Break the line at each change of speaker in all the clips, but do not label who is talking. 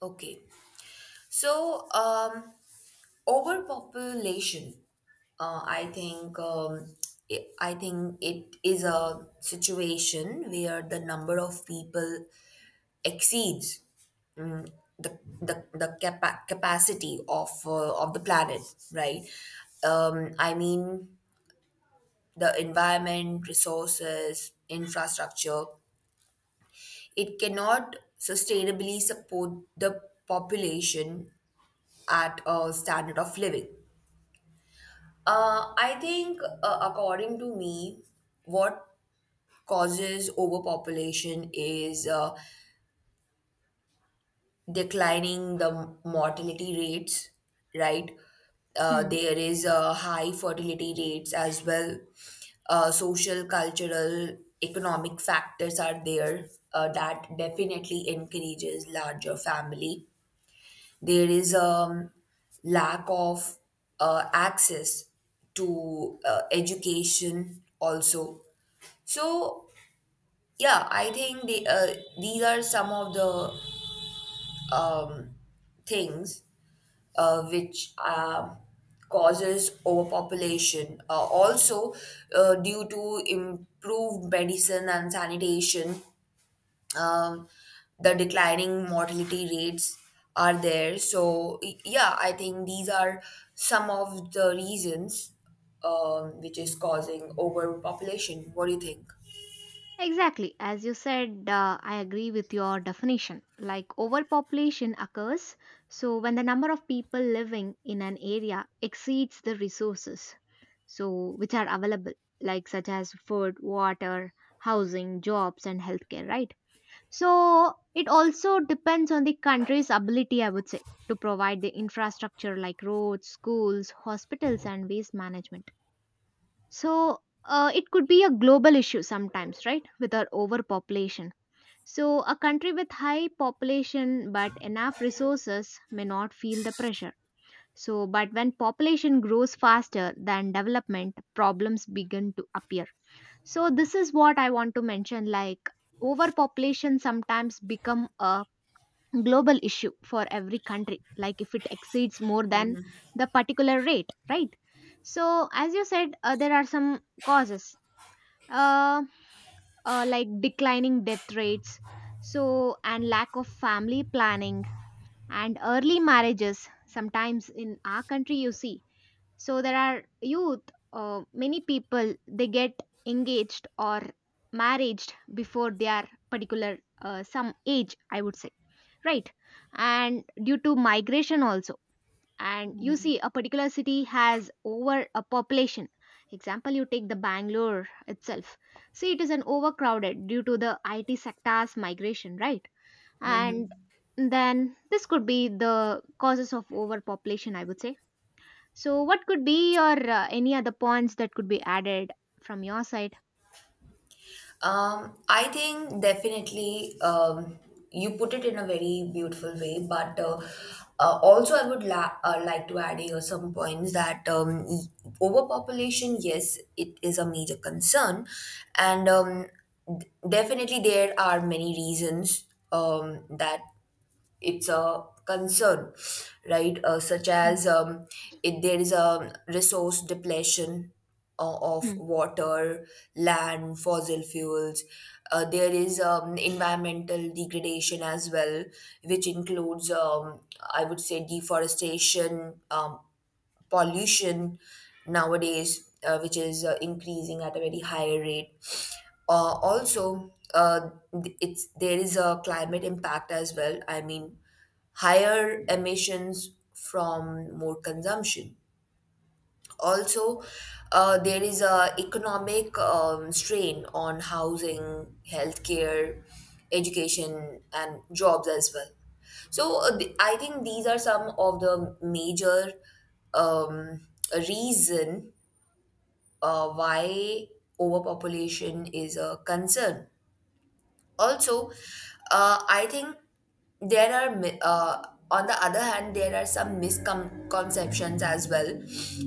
Okay. So, um, overpopulation, I think, I think it is a situation where the number of people exceeds the capacity of the planet, right? I mean, the environment, resources, infrastructure, it cannot sustainably support the population at a standard of living. I think, according to me, what causes overpopulation is declining the mortality rates, right?
Hmm.
There is high fertility rates as well. Social, cultural, economic factors are there that definitely encourages larger family. There is a lack of access to education also. So yeah, I think these are some of the um, things which causes overpopulation. Also, due to improved medicine and sanitation, um, the declining mortality rates are there. So, yeah, I think these are some of the reasons which is causing overpopulation. What do you think?
Exactly. As you said, I agree with your definition. Like overpopulation occurs, so when the number of people living in an area exceeds the resources, so which are available, like such as food, water, housing, jobs, and healthcare, right? So it also depends on the country's ability, I would say, to provide the infrastructure like roads, schools, hospitals, and waste management. So it could be a global issue sometimes, right? With our overpopulation. So a country with high population but enough resources may not feel the pressure. So, but when population grows faster than development, problems begin to appear. So this is what I want to mention, like overpopulation sometimes become a global issue for every country, like if it exceeds more than the particular rate, right? So as you said, there are some causes, uh, like declining death rates, so and lack of family planning and early marriages. Sometimes in our country you see, so there are youth, many people, they get engaged or married before their particular some age, I would say, right? And due to migration also, and you see a particular city has over a population. Example, you take the Bangalore itself. See, it is an overcrowded due to the IT sector's migration, right? And
Mm-hmm.
then this could be the causes of overpopulation, I would say. So what could be your any other points that could be added from your side?
I think definitely you put it in a very beautiful way, but also I would like to add here some points that overpopulation, yes, it is a major concern, and definitely there are many reasons that it's a concern, right? Uh, such
Mm,
as um, if there is a resource depletion of
mm.
water, land, fossil fuels. There is environmental degradation as well, which includes, I would say, deforestation, pollution nowadays, which is increasing at a very high rate. Also, th- it's there is a climate impact as well. I mean, higher emissions from more consumption. Also, there is a economic strain on housing, healthcare, education, and jobs as well. So I think these are some of the major um, reason why overpopulation is a concern. Also, I think there are, on the other hand, there are some misconceptions as well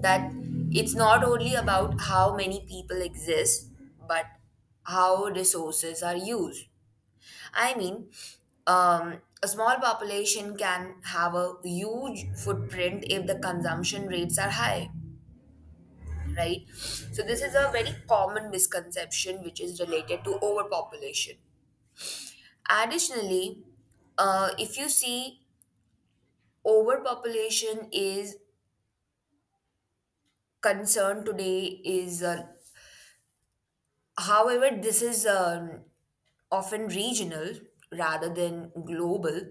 that it's not only about how many people exist, but how resources are used. I mean, a small population can have a huge footprint if the consumption rates are high, right? So, this is a very common misconception which is related to overpopulation. Additionally, if you see overpopulation is concerned today is, however, this is often regional rather than global.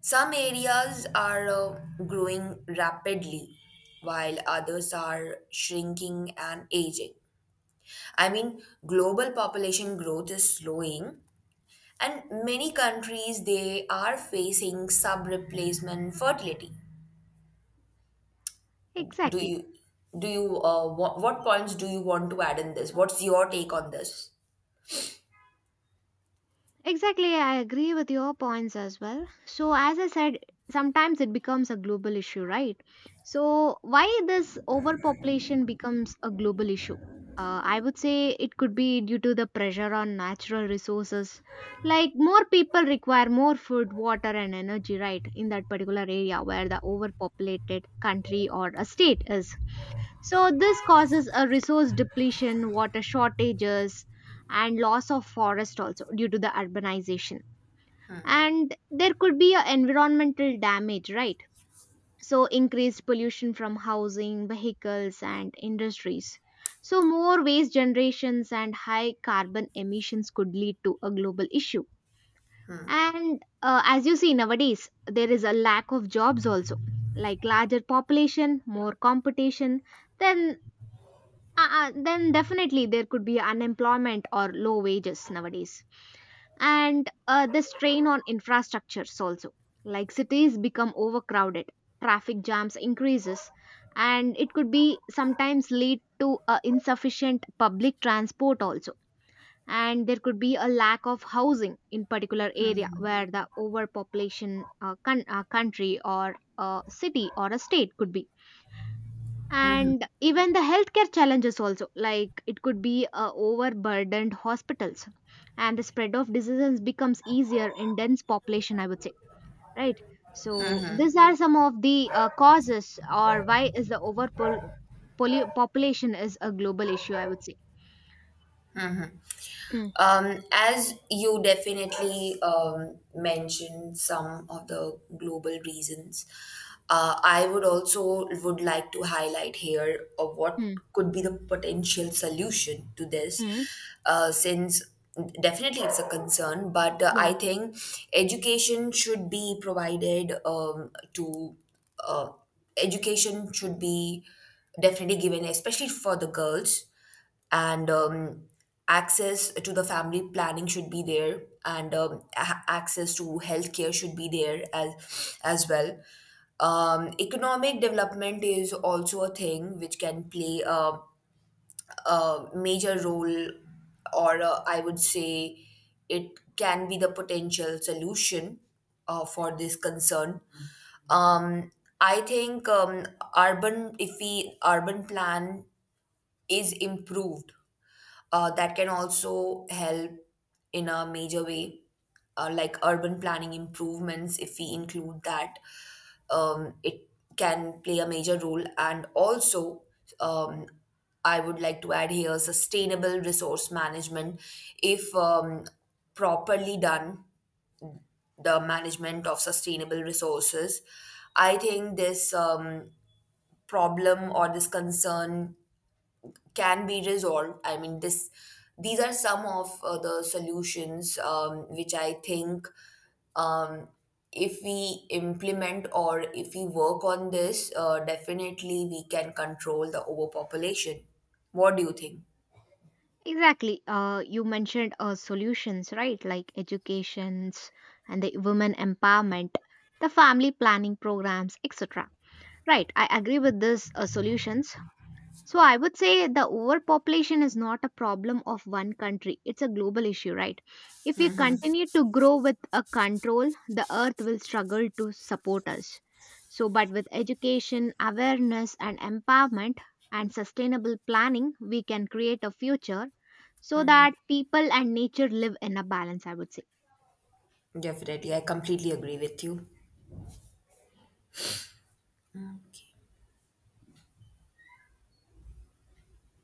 Some areas are growing rapidly while others are shrinking and aging. I mean, global population growth is slowing, and many countries they are facing sub-replacement fertility. do
Exactly.
you do you uh, what points do you want to add in this? What's your take on this?
Exactly, I agree with your points as well. So, as I said, sometimes it becomes a global issue, right? So, why this overpopulation becomes a global issue? I would say it could be due to the pressure on natural resources. Like, more people require more food, water, and energy, right, in that particular area where the overpopulated country or a state is. So this causes a resource depletion, water shortages, and loss of forest also due to the urbanization. And there could be a environmental damage, right? So increased pollution from housing, vehicles, and industries. So more waste generations and high carbon emissions could lead to a global issue. And as you see nowadays, there is a lack of jobs also, like larger population, more competition, then then definitely there could be unemployment or low wages nowadays. And the strain on infrastructures also. Like cities become overcrowded, traffic jams increases, and it could be sometimes lead to insufficient public transport also. And there could be a lack of housing in particular area where the overpopulation country or a city or a state could be, and even the healthcare challenges also, like it could be overburdened hospitals and the spread of diseases becomes easier in dense population, I would say, right? So these are some of the causes or why is the population is a global issue, I would say. Mm,
As you definitely mentioned some of the global reasons, I would also would like to highlight here of what
mm,
could be the potential solution to this,
mm.
since definitely it's a concern. But
Yeah,
I think education should be provided to uh, education should be definitely given, especially for the girls and access to the family planning should be there and access to healthcare should be there as well. Um, economic development is also a thing which can play a major role or I would say it can be the potential solution for this concern. Um, I think urban if we urban plan is improved that can also help in a major way, like urban planning improvements. If we include that, it can play a major role. And also, um, I would like to add here sustainable resource management. If properly done, the management of sustainable resources, I think this problem or this concern can be resolved. I mean, this these are some of the solutions which I think um, if we implement or if we work on this, definitely we can control the overpopulation. What do you think?
exactly. You mentioned solutions, right? Like educations and the women empowerment, the family planning programs, etc. Right, I agree with this solutions. So I would say the overpopulation is not a problem of one country. It's a global issue, right? If we continue to grow with a control, the earth will struggle to support us. So but with education, awareness and empowerment and sustainable planning, we can create a future so that people and nature live in a balance, I would say.
Definitely, I completely agree with you.